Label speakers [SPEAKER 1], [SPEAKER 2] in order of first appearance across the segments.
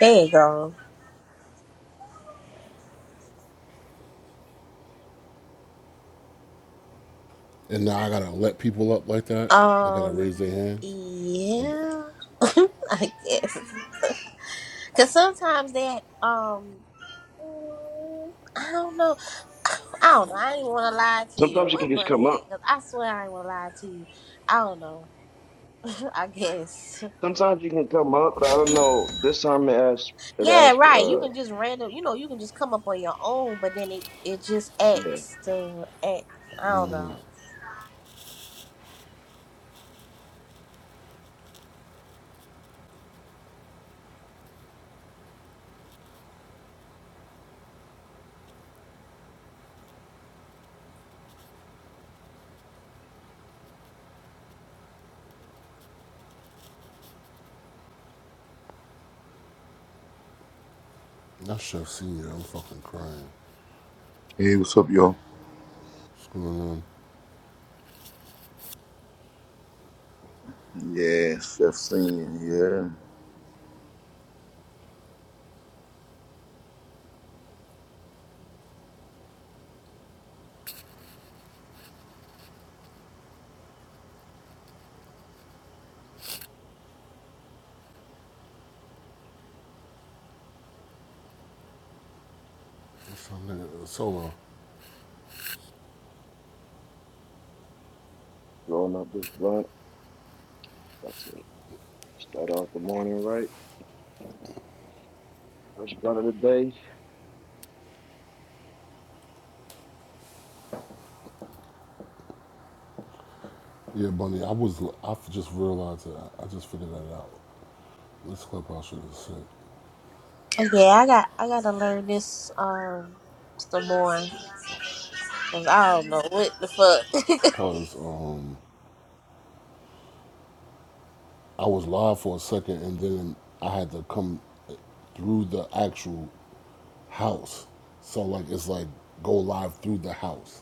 [SPEAKER 1] There you go.
[SPEAKER 2] And now I gotta let people up like that. They gotta raise
[SPEAKER 1] Um,
[SPEAKER 2] their hands.
[SPEAKER 1] yeah,
[SPEAKER 2] I
[SPEAKER 1] I guess. Cause sometimes that, um, mm, I don't know. I don't know. I ain't wanna lie to you.
[SPEAKER 3] Sometimes you can
[SPEAKER 1] What
[SPEAKER 3] just come
[SPEAKER 1] bunny at?
[SPEAKER 3] up.
[SPEAKER 1] Cause I swear I ain't wanna lie to you. I don't know. I guess.
[SPEAKER 3] Sometimes you can come up, but I don't know. This time it asked it
[SPEAKER 1] Yeah,
[SPEAKER 3] asked
[SPEAKER 1] right. You
[SPEAKER 3] for uh
[SPEAKER 1] can just random. You know, you can just come up on your own, but then it it just
[SPEAKER 3] yeah,
[SPEAKER 1] acts to act. I don't know.
[SPEAKER 2] should have seen you. I'm fucking crying.
[SPEAKER 4] Hey, what's up, y'all?
[SPEAKER 2] What's going on?
[SPEAKER 4] Yeah, Chef Senior, yeah.
[SPEAKER 2] What's up, nigga? Solo.
[SPEAKER 3] rolling up this blunt. That's it. Start off the morning right. First blunt of the day.
[SPEAKER 2] Yeah, Bunny. I was. I just realized that. I, just figured that out. This clip I should have said
[SPEAKER 1] Yeah, I got I gotta learn this um some more. Cause I don't know what the fuck.
[SPEAKER 2] Cause um, I was live for a second, and then I had to come through the actual house. So like, it's like go live through the house,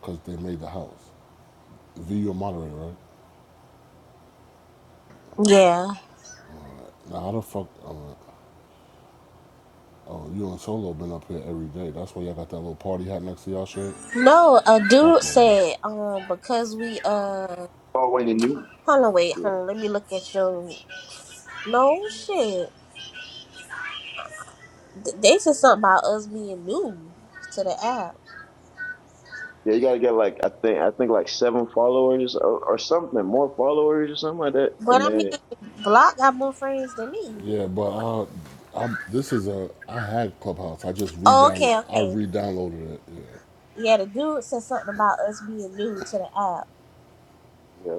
[SPEAKER 2] cause they made the house. V, you a moderator, right?
[SPEAKER 1] Yeah.
[SPEAKER 2] Now how the fuck? Oh, Oh, you and Solo been up here every day. That's why y'all got that little party hat next to y'all shit.
[SPEAKER 1] No, a dude
[SPEAKER 2] Fuck y'all.
[SPEAKER 1] said, um, because we uh
[SPEAKER 3] Oh wait, and you?
[SPEAKER 1] hold on wait, hold
[SPEAKER 3] Yeah.
[SPEAKER 1] on, let me look at your no shit. Th- They said something about us being new to the app.
[SPEAKER 3] Yeah, you gotta get like I think I think like seven followers or, or something, more followers or something like that.
[SPEAKER 1] But
[SPEAKER 3] And
[SPEAKER 1] I mean
[SPEAKER 3] then
[SPEAKER 1] Block got more friends than me.
[SPEAKER 2] Yeah, but uh, I, this is a I had Clubhouse. I just
[SPEAKER 1] Oh,
[SPEAKER 2] re-down
[SPEAKER 1] okay,
[SPEAKER 2] I
[SPEAKER 1] okay.
[SPEAKER 2] re-downloaded it. Yeah.
[SPEAKER 1] Yeah, the dude said something about us being new to the app.
[SPEAKER 3] yeah,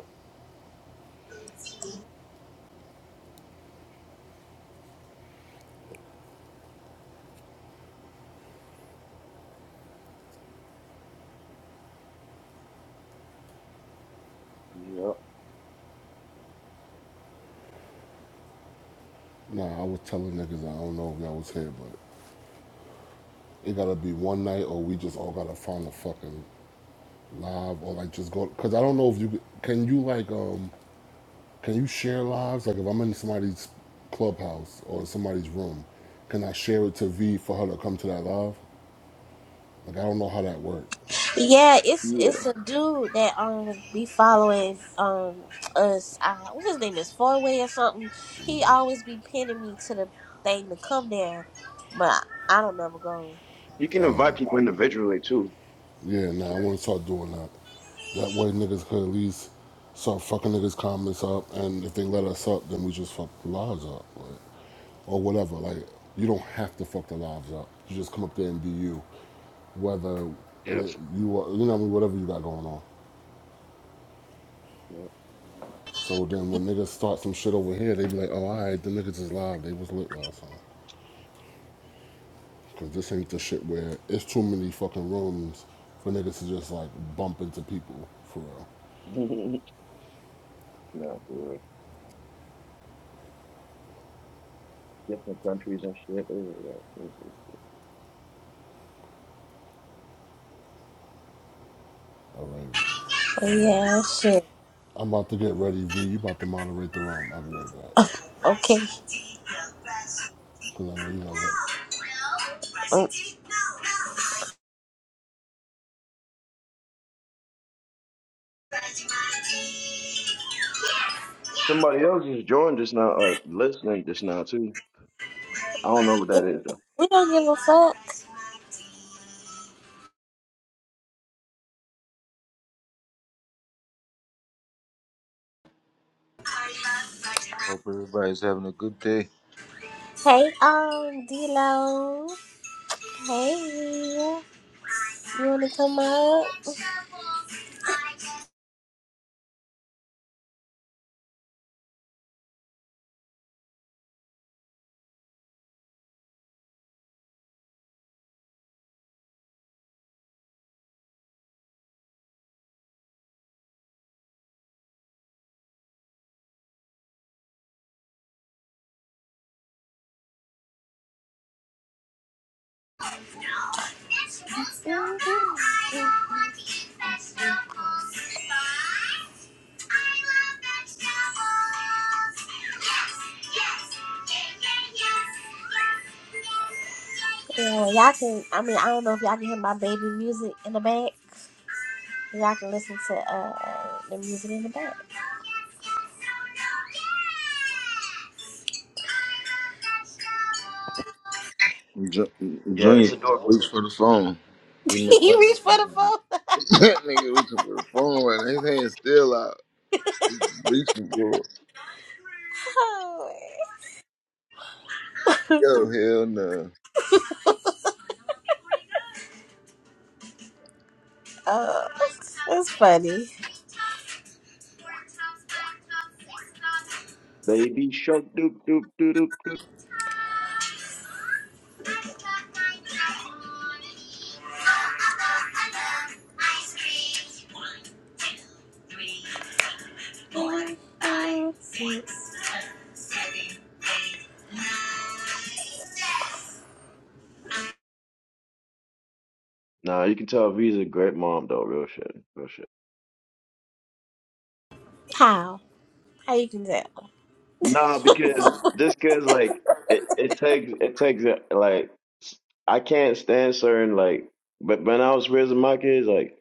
[SPEAKER 3] yeah,
[SPEAKER 2] Nah, I was telling niggas I don't know if y'all was here, but it gotta be one night or we just all gotta find a fucking live or like just go because I don't know if you can you like um can you share lives like if I'm in somebody's clubhouse or somebody's room, can I share it to V for her to come to that live? Like I don't know how that works.
[SPEAKER 1] Yeah, it's
[SPEAKER 3] yeah.
[SPEAKER 1] it's a dude that um be following um us. Uh, what his name is Four Way or something. He always be pinning me to the thing to come there, but I, I don't never go.
[SPEAKER 3] You can invite people individually too.
[SPEAKER 2] Yeah, nah, I want to start doing that. That way, niggas could at least start fucking niggas' comments up, and if they let us up, then we just fuck the lives up, like, or whatever. Like, you don't have to fuck the lives up. You just come up there and be you, whether
[SPEAKER 3] Yeah,
[SPEAKER 2] it, you are, you know, what I mean, whatever you got going on.
[SPEAKER 3] yeah.
[SPEAKER 2] So then, when niggas start some shit over here, they be like, "Oh, all right, the niggas is live. They was lit last time." Cause this ain't the shit where it's too many fucking rooms for niggas to just like bump into people for real.
[SPEAKER 3] No for real. Different countries and shit.
[SPEAKER 2] All right,
[SPEAKER 1] But yeah, shit.
[SPEAKER 2] I'm about to get ready, V. You about to moderate the room. I'll be right back.
[SPEAKER 1] Okay.
[SPEAKER 2] 'Cause I know you gonna let
[SPEAKER 1] Mm.
[SPEAKER 3] Somebody else just joined just now, like listening just now too. I don't know what that is though.
[SPEAKER 1] We don't give a fuck.
[SPEAKER 4] Hope everybody's having a good day.
[SPEAKER 1] Hey, um, D-Lo. Hey, You want to come up? Yeah, y'all can. I mean, I don't know if y'all can hear my baby music in the back. Y'all can listen to uh, the music in the back.
[SPEAKER 4] Ju-
[SPEAKER 3] Yeah,
[SPEAKER 4] Junior
[SPEAKER 3] it's
[SPEAKER 4] trying to reach
[SPEAKER 3] adorable.
[SPEAKER 4] for the phone. He must
[SPEAKER 1] you
[SPEAKER 4] not
[SPEAKER 1] reach for the
[SPEAKER 3] Mhm.
[SPEAKER 1] phone.
[SPEAKER 4] that nigga reaching for the phone right now. His hand's still out. He's reaching for it.
[SPEAKER 1] Oh,
[SPEAKER 4] Yo, hell no.
[SPEAKER 1] oh, that's funny.
[SPEAKER 3] Baby shark doop doop doop doop doop.
[SPEAKER 1] Four, five, six, seven, eight, nine.
[SPEAKER 3] Nah, you can tell V's a great mom though, real shit. Real shit.
[SPEAKER 1] How? How you can tell?
[SPEAKER 3] Nah, because just cause like it, it takes it takes uh, like I can't stand certain like but when I was raising my kids, like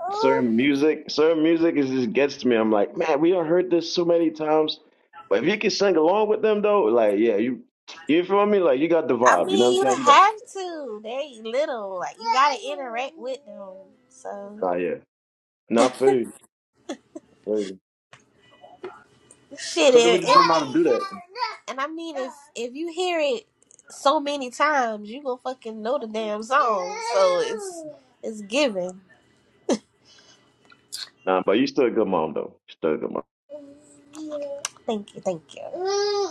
[SPEAKER 1] Oh,
[SPEAKER 3] certain music. Certain music is just gets to me. I'm like, man, we done heard this so many times. But if you can sing along with them though, like yeah, you you feel me? Like you got the
[SPEAKER 1] I
[SPEAKER 3] vibe. You know
[SPEAKER 1] mean,
[SPEAKER 3] what I'm
[SPEAKER 1] you
[SPEAKER 3] saying? You got
[SPEAKER 1] have to. They little, like you gotta interact with them. So
[SPEAKER 3] nah yeah. Not food.
[SPEAKER 1] shit,
[SPEAKER 3] Some people
[SPEAKER 1] it,
[SPEAKER 3] just
[SPEAKER 1] it
[SPEAKER 3] don't know how to do that.
[SPEAKER 1] and I mean, if if you hear it so many times, you gonna fucking know the damn song. So it's it's given.
[SPEAKER 3] Nah, but you still a good mom though. You still a good mom.
[SPEAKER 1] Thank you, thank you.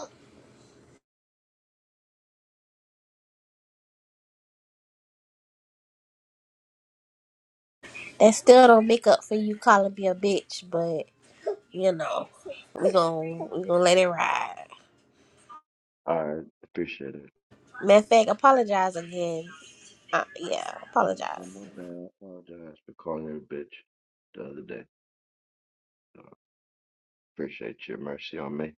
[SPEAKER 1] That still don't make up for you calling me a bitch, but you know, we gon' we gonna let it ride.
[SPEAKER 3] All right. Appreciate it.
[SPEAKER 1] Matter of fact, apologize again. Uh, yeah,
[SPEAKER 3] Oh, oh, my
[SPEAKER 1] apologize.
[SPEAKER 3] bad. I apologize for calling you a bitch the other day. So, appreciate your mercy on me.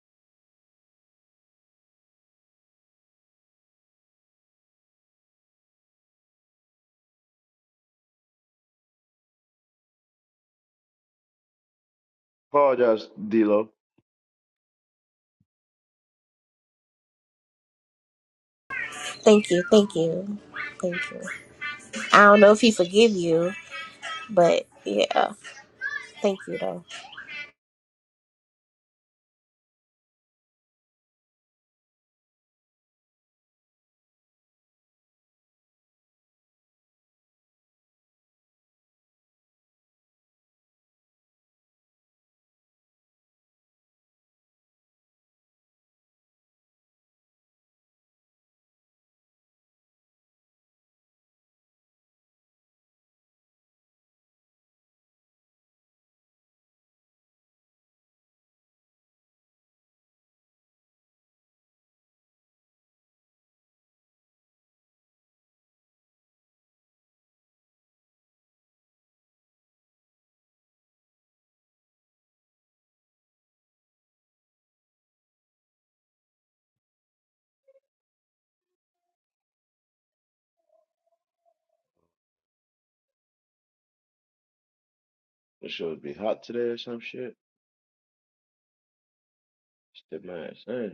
[SPEAKER 3] Apologize, D-Lo.
[SPEAKER 1] Thank you, thank you, thank you. I don't know if he forgive you, but yeah, thank you though.
[SPEAKER 3] It should be hot today or some shit. Step my ass in.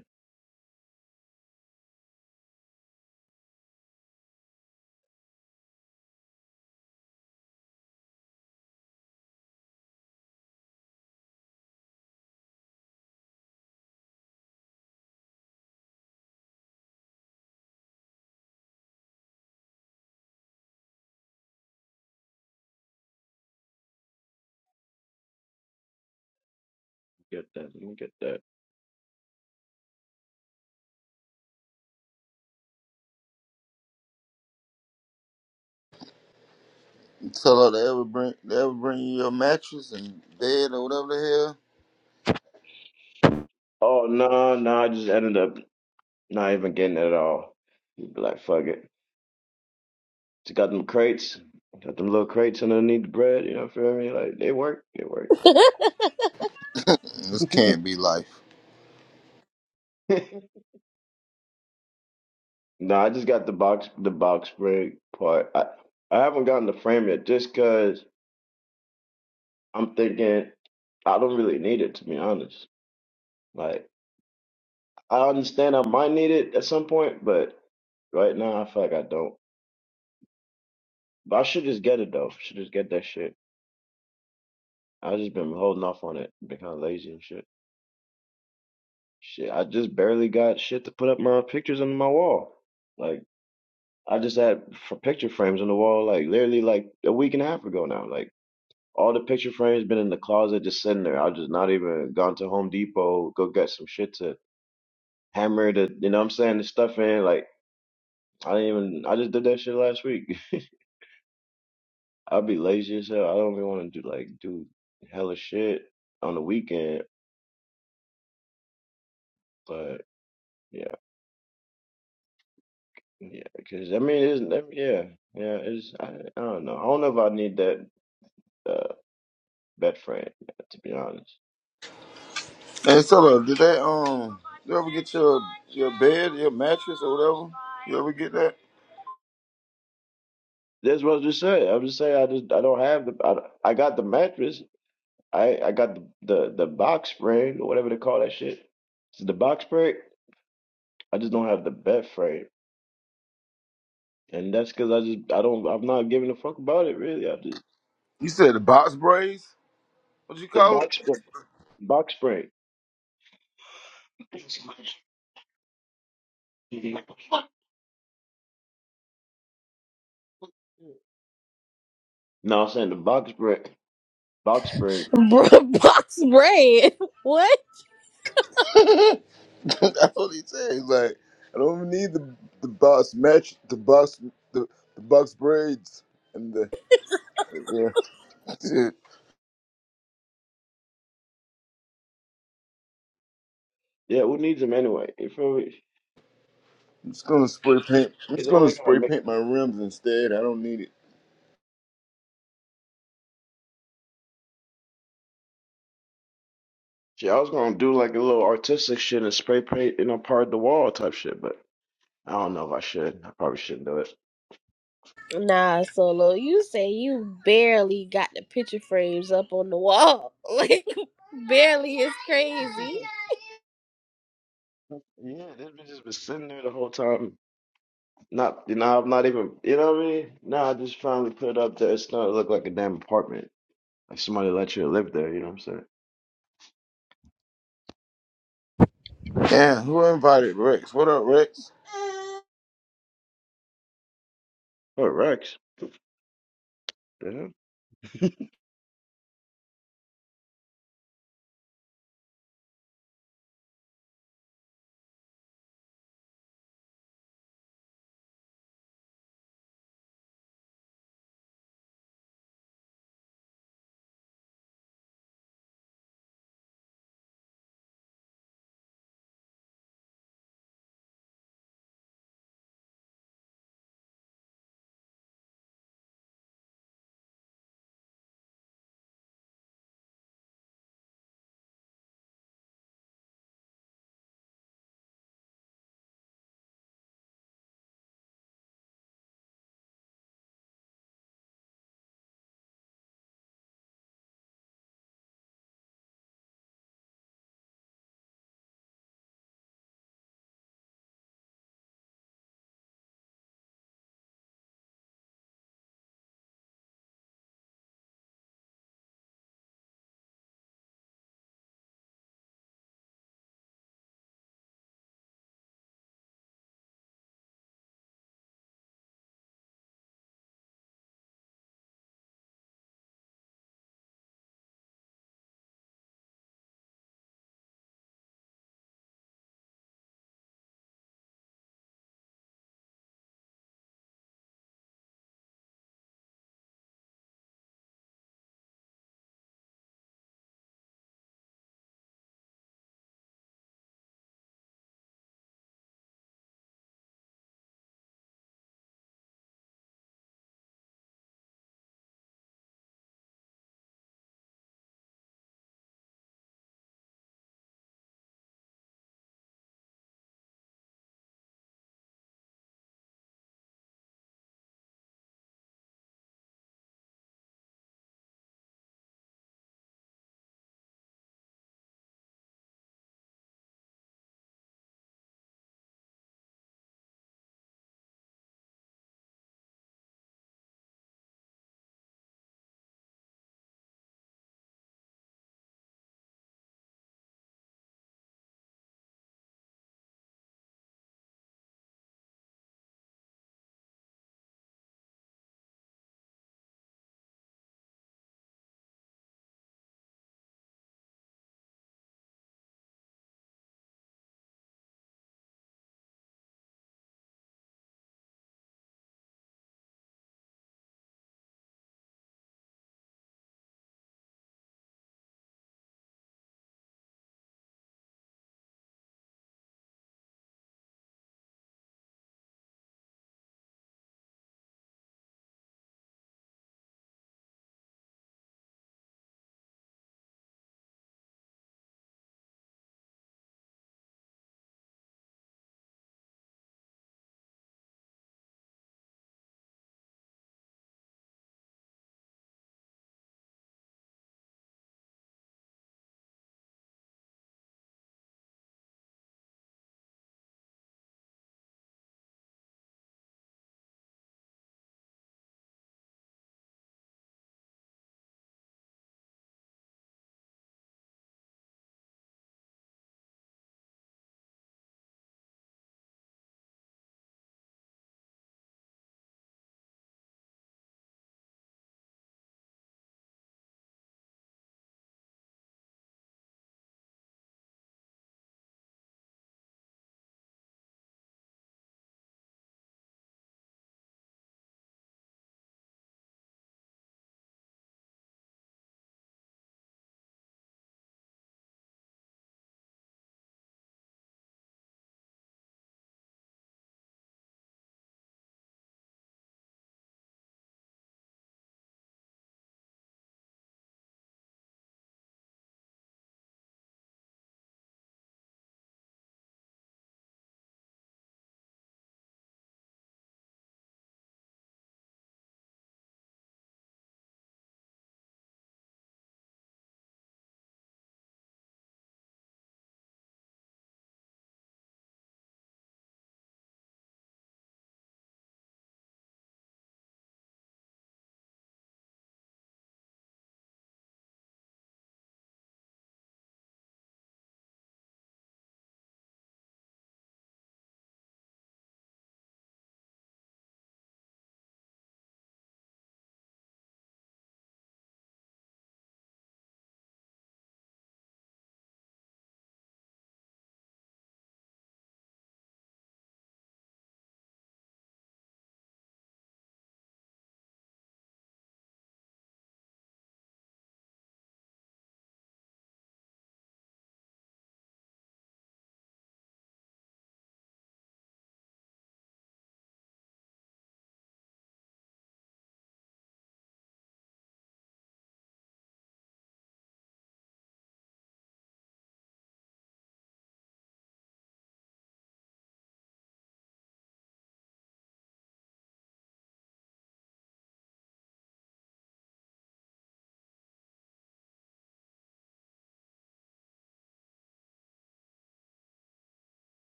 [SPEAKER 3] Get that. Let me get that.
[SPEAKER 4] Tell her they ever bring they ever bring you your mattress and bed or whatever the
[SPEAKER 3] Oh no, no, I just ended up not even getting it at all. You'd Be Like fuck it. Just got them crates. Got them little crates underneath the bread, you know, feel me? Like they work. They work.
[SPEAKER 4] hell. this can't be life.
[SPEAKER 3] no, I just got the box the box break part. I I haven't gotten the frame yet just i I'm thinking I don't really need it to be honest. Like I understand I might need it at some point, but right now I feel like I don't. But I should just get it though. Should just get that shit. I just been holding off on it, been kind of lazy and shit. Shit, I just barely got shit to put up my pictures on my wall. Like I just had for picture frames on the wall, like literally like a week and a half ago now. Like all the picture frames been in the closet, just sitting there. I just not even gone to Home Depot, go get some shit to hammer the, you know what I'm saying, the stuff in. Like I didn't even, I just did that shit last week. I'd be lazy as hell. I don't even want to do like do hella shit on the weekend, but. Yeah, Yeah, because I mean, it's nev- yeah, yeah. It's I, I don't know. I don't know if I need that uh best friend to be honest.
[SPEAKER 4] Hey,
[SPEAKER 3] Like,
[SPEAKER 4] tell her, did they um you ever get your your bed, your mattress or whatever? You ever get that?
[SPEAKER 3] that's what I was just saying. I'm just saying I just I don't have the I, don't- I got the mattress. I I got the, the the box spring or whatever they call that shit. It's the box spring. I just don't have the bed frame, and that's because I just I don't I'm not giving a fuck about it really. I just
[SPEAKER 4] You said the box braids? What you
[SPEAKER 3] the
[SPEAKER 4] call it?
[SPEAKER 3] box spring box spring. No, I'm saying the box spring box spring.
[SPEAKER 1] Bro, box bread. What?
[SPEAKER 4] That's what he said. He's like, I don't even need the the boss match, the boss, the the box braids, and the yeah. Dude,
[SPEAKER 3] Yeah, who needs them anyway? You feel me?
[SPEAKER 4] I'm just gonna spray paint. I'm just
[SPEAKER 3] It's
[SPEAKER 4] gonna
[SPEAKER 3] only gonna
[SPEAKER 4] spray
[SPEAKER 3] make
[SPEAKER 4] paint my rims instead. I don't need it.
[SPEAKER 3] shit. I was gonna do like a little artistic shit and spray paint, you know, part of the wall type shit, but I don't know if I should. I probably shouldn't do it.
[SPEAKER 1] Nah, solo. You say you barely got the picture frames up on the wall, like barely is crazy.
[SPEAKER 3] Yeah, this bitch has been sitting there the whole time. Not, you know, I'm not even, you know what I mean? No, I just finally put it up there. It's not look like a damn apartment. Like somebody let you live there, you know what I'm saying?
[SPEAKER 4] Yeah, who invited Rex? What up, Rex?
[SPEAKER 3] Oh, Rex.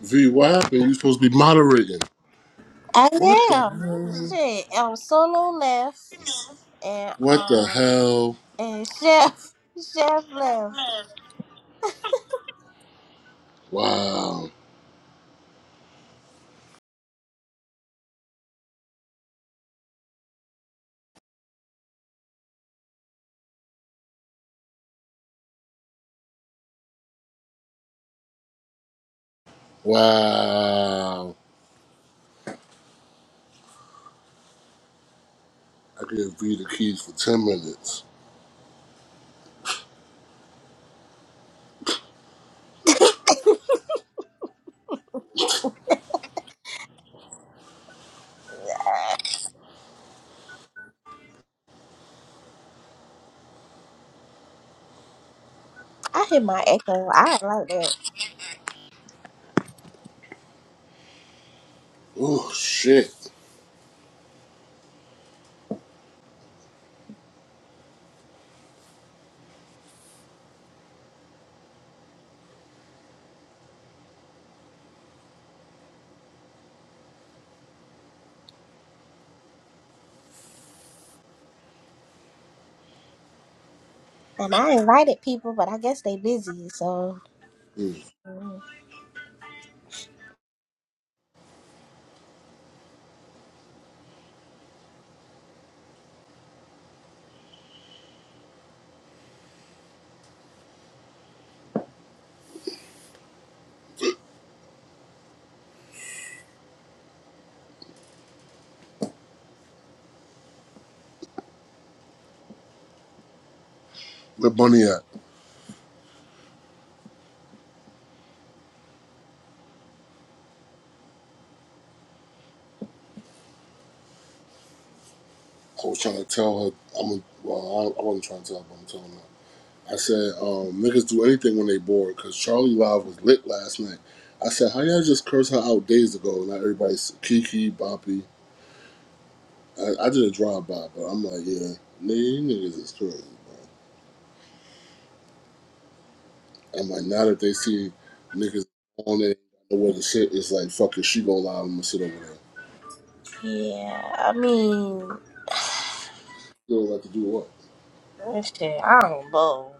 [SPEAKER 2] V, what happened? You supposed to be moderating. What
[SPEAKER 1] I
[SPEAKER 2] the
[SPEAKER 1] am.
[SPEAKER 2] hell?
[SPEAKER 1] Shit, I'm solo left, and
[SPEAKER 2] What the
[SPEAKER 1] um,
[SPEAKER 2] hell?
[SPEAKER 1] and chef, chef left.
[SPEAKER 2] Wow. Wow. I gave V the keys for 10 minutes.
[SPEAKER 1] I hit my echo. I ain't like that.
[SPEAKER 2] Oh, shit.
[SPEAKER 1] And I invited people, but I guess they busy. So
[SPEAKER 2] Mm. Where Bunny at? I was trying to tell her. I'm, well, I, I wasn't trying to tell her, but I'm telling her. I said, um, niggas do anything when they bored, because Charlie Live was lit last night. I said, how y'all just curse her out days ago? Not everybody's Kiki, Boppy. I, I did a drive by, but I'm like, yeah, nigga, niggas is crazy. I'm like, now that they see niggas on it, know where the shit is like, fuck it, she go live, I'm gonna sit over there.
[SPEAKER 1] yeah, I mean,
[SPEAKER 2] You don't like to do what?
[SPEAKER 1] shit, I don't know.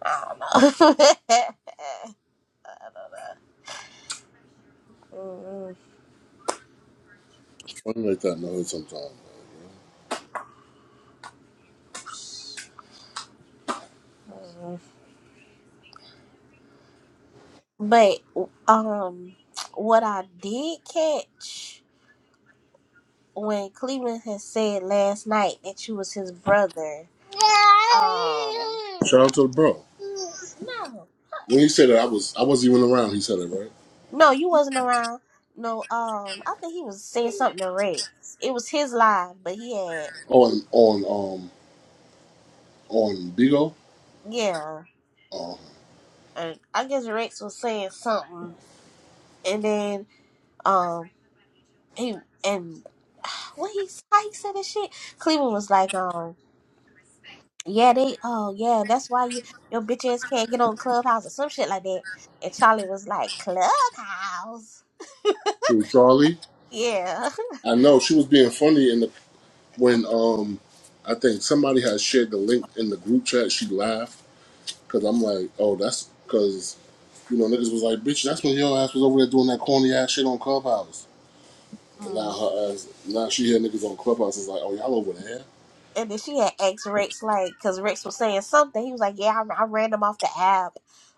[SPEAKER 1] I don't know. I don't know. Mm-mm.
[SPEAKER 2] Funny like that, no, sometimes.
[SPEAKER 1] But um, what I did catch. when Cleveland had said last night that you was his brother. Um,
[SPEAKER 2] Shout out to the bro.
[SPEAKER 1] no,
[SPEAKER 2] When he said that, I was I wasn't even around. He said it right
[SPEAKER 1] no, you wasn't around. No, um, I think he was saying something to Rex. It was his live, but he had
[SPEAKER 2] on on um on Bigo
[SPEAKER 1] yeah. And I guess Rex was saying something, and then um, he and what he how he said that shit. Cleveland was like um. Yeah, they. Oh, yeah. That's why you your bitch ass can't get on Clubhouse or some shit like that. And Charlie was like, Clubhouse.
[SPEAKER 2] through Charlie.
[SPEAKER 1] Yeah.
[SPEAKER 2] I know she was being funny in the when um I think somebody had shared the link in the group chat, she laughed because I'm like, oh, that's because you know niggas was like, bitch, that's when your ass was over there doing that corny ass shit on Clubhouse. And now
[SPEAKER 1] Mm.
[SPEAKER 2] her ass, now she hear niggas on Clubhouse is like, oh, y'all over there?
[SPEAKER 1] And then she had asked Rex like, because Rex was saying something. He was like, Yeah, I, I ran them off the app.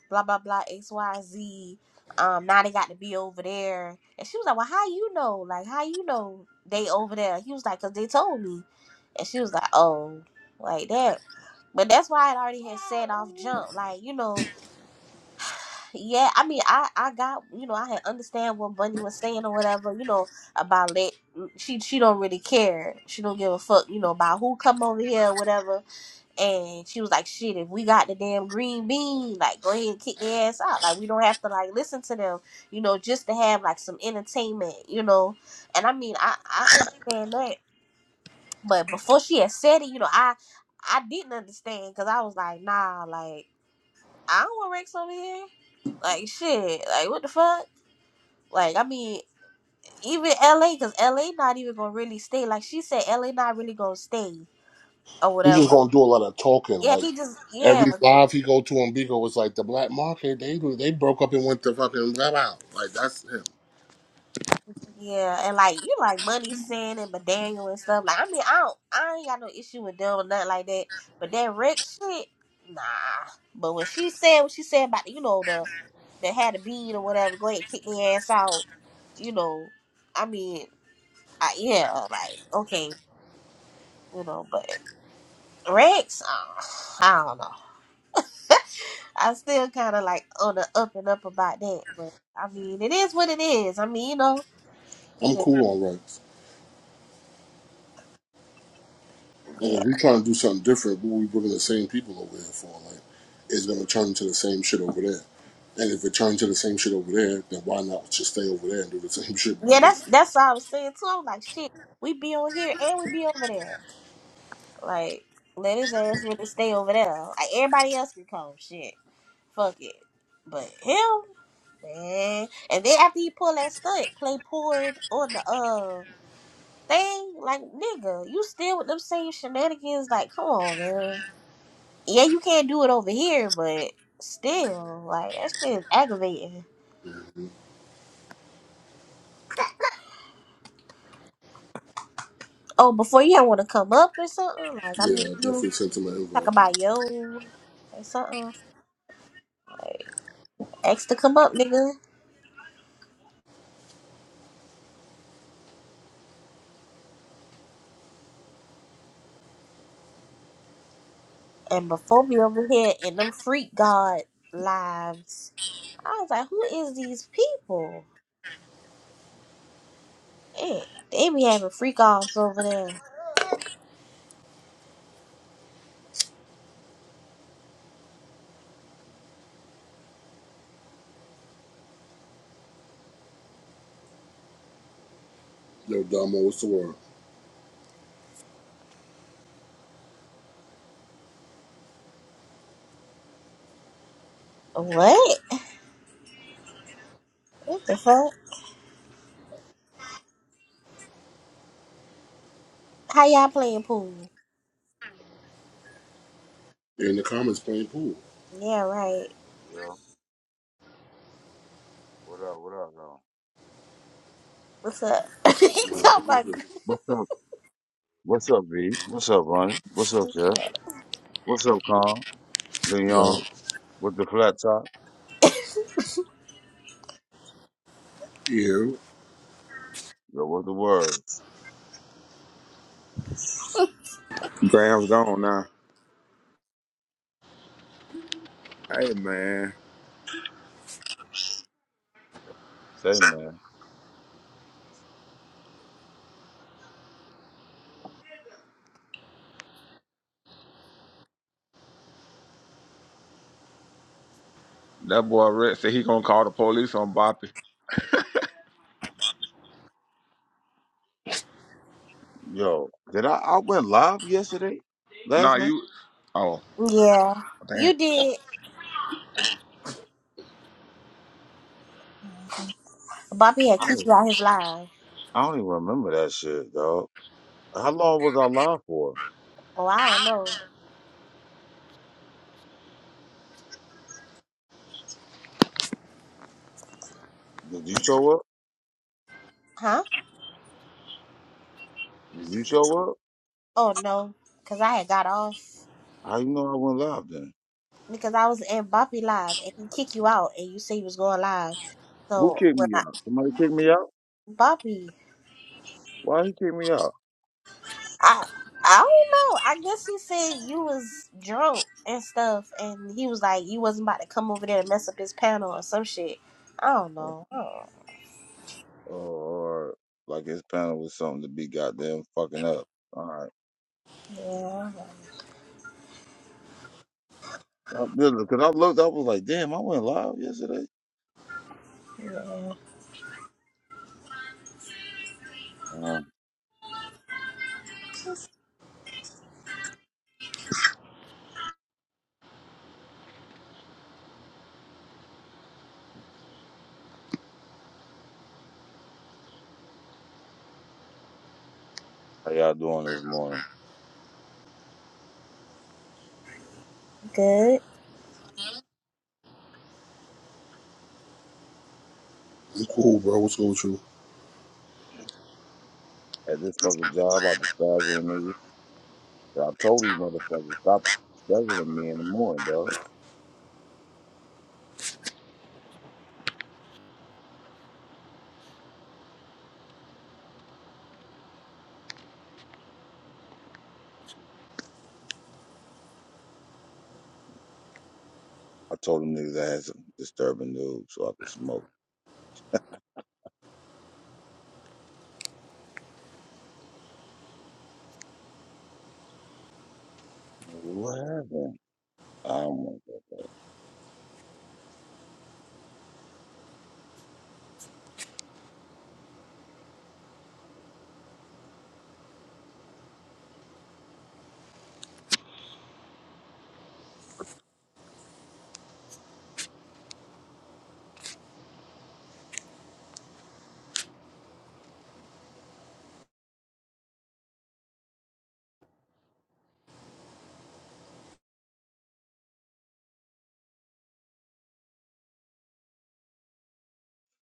[SPEAKER 1] Blah blah blah. X Y Z. Um, now they got to be over there. And she was like, Well, how you know? Like, how you know they over there? He was like, Cause they told me. And she was like, Oh, like that. But that's why I already had said off jump. Like, you know Yeah, I mean, I I got you know I had understand what Bunny was saying or whatever you know about it. she she don't really care she don't give a fuck you know about who come over here or whatever and she was like shit if we got the damn green bean like go ahead and kick their ass out like we don't have to like listen to them you know just to have like some entertainment you know and I mean I I understand that but before she had said it you know I I didn't understand because I was like nah like. I don't want Rex on here. Like shit. Like what the fuck? Like I mean, even LA, cause LA not even gonna really stay. Like she said, LA not really gonna stay or
[SPEAKER 2] He just
[SPEAKER 1] whatever.
[SPEAKER 2] gonna do a lot of talking.
[SPEAKER 1] Yeah,
[SPEAKER 2] Like
[SPEAKER 1] he just yeah
[SPEAKER 2] every live he go to on Bigo was like the black market. They they broke up and went to fucking blah blah. Like that's him.
[SPEAKER 1] yeah, and like you like Money Sin and McDaniel and stuff. Like I mean, I don't I ain't got no issue with them or nothing like that. But that Rex shit, nah. But when she said what she said about you know the that had a bean or whatever, go ahead and kick their ass out. You know, I mean, I, yeah, like okay. you know, but Rex, uh, I don't know. I still kind of like on the up and up about that, but I mean, it is what it is. I mean, you know,
[SPEAKER 2] I'm
[SPEAKER 1] shit,
[SPEAKER 2] cool on Rex. And if
[SPEAKER 1] yeah,
[SPEAKER 2] we trying to do something different, but we bringing the same people over here for like, it's gonna turn into the same shit over there. And if it turns to the same shit over there, then why not just stay over there and do the same shit
[SPEAKER 1] yeah.
[SPEAKER 2] we do?
[SPEAKER 1] That's that's what I was saying too. I'm like, shit, we be on here and we be over there. Like, let his ass really stay over there. Like everybody else can come, shit, fuck it. But him, man. And then after he pull that stunt, play poured on the uh thing, like nigga, you still with them same shenanigans. Like, come on, man. yeah, you can't do it over here, but still, like that shit is aggravating.
[SPEAKER 2] hmm
[SPEAKER 1] Oh, before you want to come up or something, like I
[SPEAKER 2] Yeah,
[SPEAKER 1] mean,
[SPEAKER 2] I
[SPEAKER 1] you
[SPEAKER 2] definitely sent him an
[SPEAKER 1] talk
[SPEAKER 2] invite.
[SPEAKER 1] about yo or something, like ask to come up, nigga. And before me over here in them freak god lives, I was like, who is these people? Man, they be having freak offs over there.
[SPEAKER 2] Yo, Damo, what's the word?
[SPEAKER 1] What? What the fuck? How y'all playing pool?
[SPEAKER 2] You're in the comments playing pool.
[SPEAKER 1] Yeah, right.
[SPEAKER 5] Yo, what up? What up, though?
[SPEAKER 1] What's up? Talking
[SPEAKER 2] Yeah,
[SPEAKER 1] about-
[SPEAKER 5] What's up? What's up, B? What's up, Ronnie? What's up,
[SPEAKER 1] What's
[SPEAKER 5] Jeff?
[SPEAKER 1] up?
[SPEAKER 5] What's up, Con?
[SPEAKER 2] yeah.
[SPEAKER 5] Leon? With the flat top?
[SPEAKER 2] You.
[SPEAKER 5] Yo, what's the word?
[SPEAKER 6] Graham's gone now. Hey man,
[SPEAKER 5] Say, man.
[SPEAKER 6] that boy Rex said he gonna call the police on Boppy.
[SPEAKER 5] Yo, did I, I went live yesterday?
[SPEAKER 6] Nah,
[SPEAKER 5] Last night?
[SPEAKER 6] you. Oh
[SPEAKER 1] Yeah.
[SPEAKER 6] damn.
[SPEAKER 1] You did. Bobby had
[SPEAKER 5] I
[SPEAKER 1] kicked
[SPEAKER 5] don't,
[SPEAKER 1] you out his live.
[SPEAKER 5] I don't even remember that shit, dog. How long was I live for?
[SPEAKER 1] Oh, I don't know.
[SPEAKER 5] Did you show up?
[SPEAKER 1] Huh?
[SPEAKER 5] Did you show up?
[SPEAKER 1] Oh, no. Because I had got off.
[SPEAKER 5] How you know I went live then?
[SPEAKER 1] Because I was in Bobby live and he kicked you out and you said you was going live.
[SPEAKER 5] Who
[SPEAKER 1] So,
[SPEAKER 5] kicked
[SPEAKER 1] when
[SPEAKER 5] me
[SPEAKER 1] I.
[SPEAKER 5] out? Somebody kicked me out?
[SPEAKER 1] Bobby,
[SPEAKER 5] Why he kicked me out?
[SPEAKER 1] I. I don't know. I guess he said you was drunk and stuff, and he was like you wasn't about to come over there and mess up his panel or some shit. I don't
[SPEAKER 5] Or,
[SPEAKER 1] know. Oh,
[SPEAKER 5] or like his panel was something to be goddamn fucking up.
[SPEAKER 1] yeah,
[SPEAKER 5] Uh, Because I looked, up, I was like, damn, I went live yesterday.
[SPEAKER 1] yeah.
[SPEAKER 5] Uh, how y'all doing this morning?
[SPEAKER 1] Good.
[SPEAKER 2] I'm cool, bro. What's going with you?
[SPEAKER 5] At this fucking job, I despise on niggas. And I told these motherfuckers, stop scheduling me in the morning, dog. I told them niggas I had some disturbing news so I could smoke. What happened? I don't want that.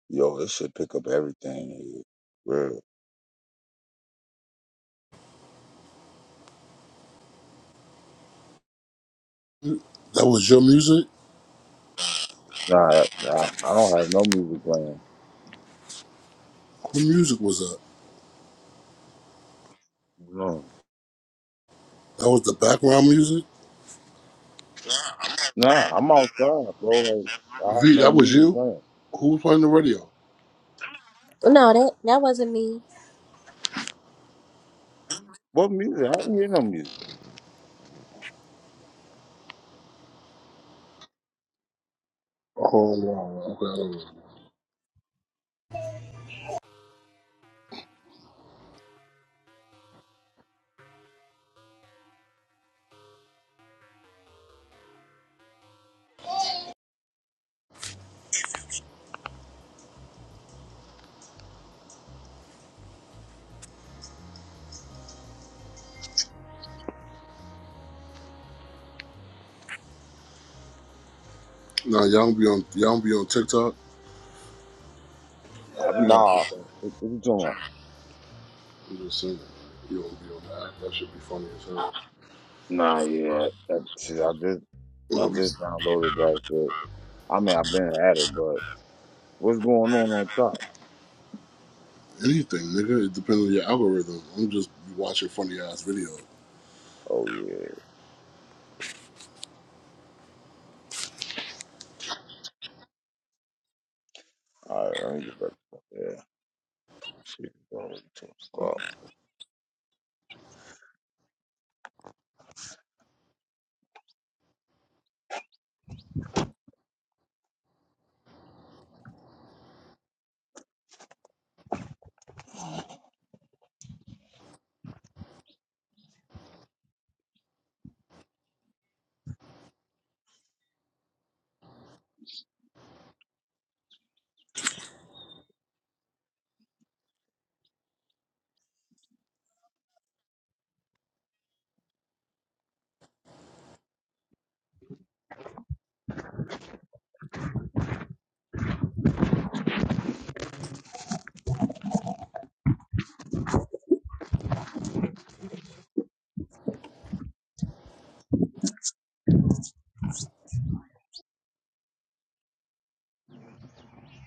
[SPEAKER 5] Yo, this should pick up everything. Here. Real.
[SPEAKER 2] That was your music?
[SPEAKER 5] Nah, nah, I don't have no music playing.
[SPEAKER 2] Who music was that?
[SPEAKER 5] No.
[SPEAKER 2] That was the background music?
[SPEAKER 5] Nah, I'm outside, bro. Like, I have
[SPEAKER 2] V,
[SPEAKER 5] no
[SPEAKER 2] that was
[SPEAKER 5] music
[SPEAKER 2] you?
[SPEAKER 5] playing.
[SPEAKER 2] Who was playing the radio?
[SPEAKER 1] No, that that wasn't me.
[SPEAKER 5] What music? I didn't hear no music.
[SPEAKER 2] Oh wow, okay. I don't know. Now y'all don't be on y'all don't be on TikTok.
[SPEAKER 5] I'll be on
[SPEAKER 6] Nah.
[SPEAKER 5] TikTok. What what you talking about?
[SPEAKER 2] I'm just saying, you don't be on the app. That should be funny as hell.
[SPEAKER 5] Nah, yeah. That, shit, I just I
[SPEAKER 2] Well,
[SPEAKER 5] just downloaded that shit. I mean, I've been at it, but what's going on on top?
[SPEAKER 2] anything, nigga. It depends on your algorithm. I'm just watching funny ass videos.
[SPEAKER 5] Oh yeah. All right, let me go back. Yeah. Shit, going to ten o'clock.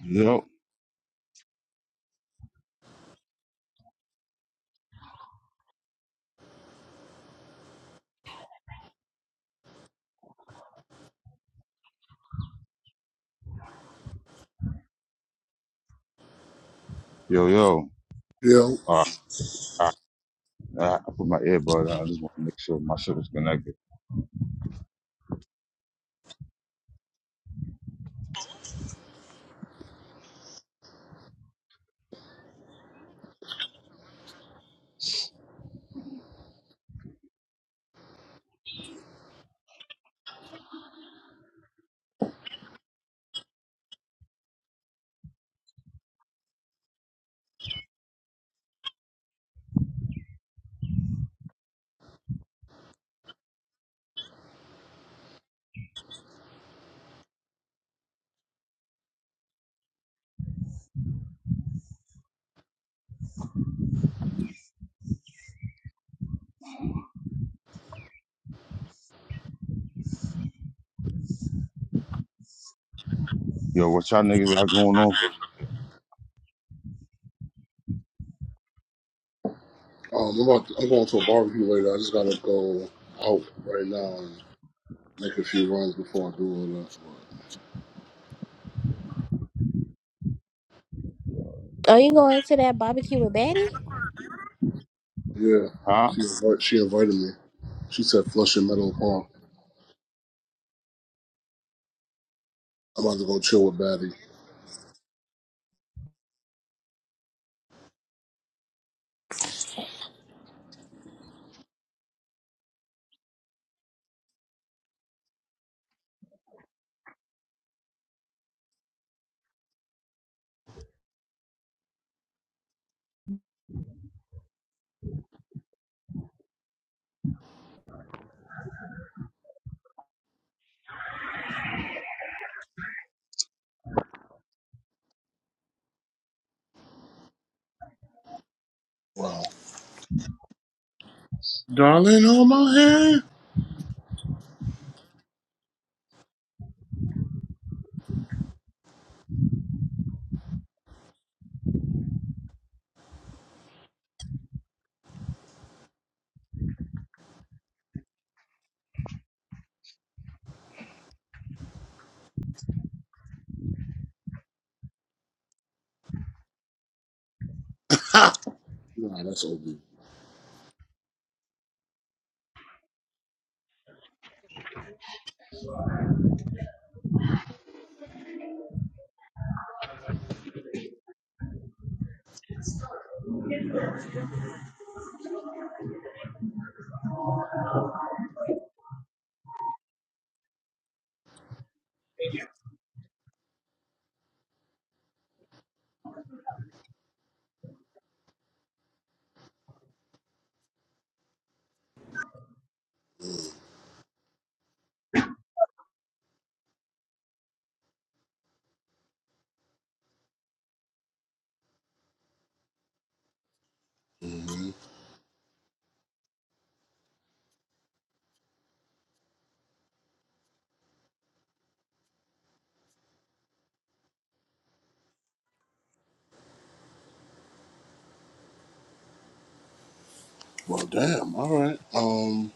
[SPEAKER 5] Yo, yo, yo.
[SPEAKER 2] Yeah,
[SPEAKER 5] All right, all right. I put my earbud on. I just want to make sure my shit was connected. Yo, what y'all niggas got going on for today?
[SPEAKER 2] um, I'm about to, I'm going to a barbecue later. I just gotta go out right now and make a few runs before I do all that.
[SPEAKER 1] Are you going to that barbecue with Betty?
[SPEAKER 2] But, yeah,
[SPEAKER 5] Huh?
[SPEAKER 2] she invite, she invited me. She said Flushing Meadow Park. I'm about to go chill with Batty. Wow, darling, hold my hand. Nah, that's OB. hmm Well, damn. All right. Um.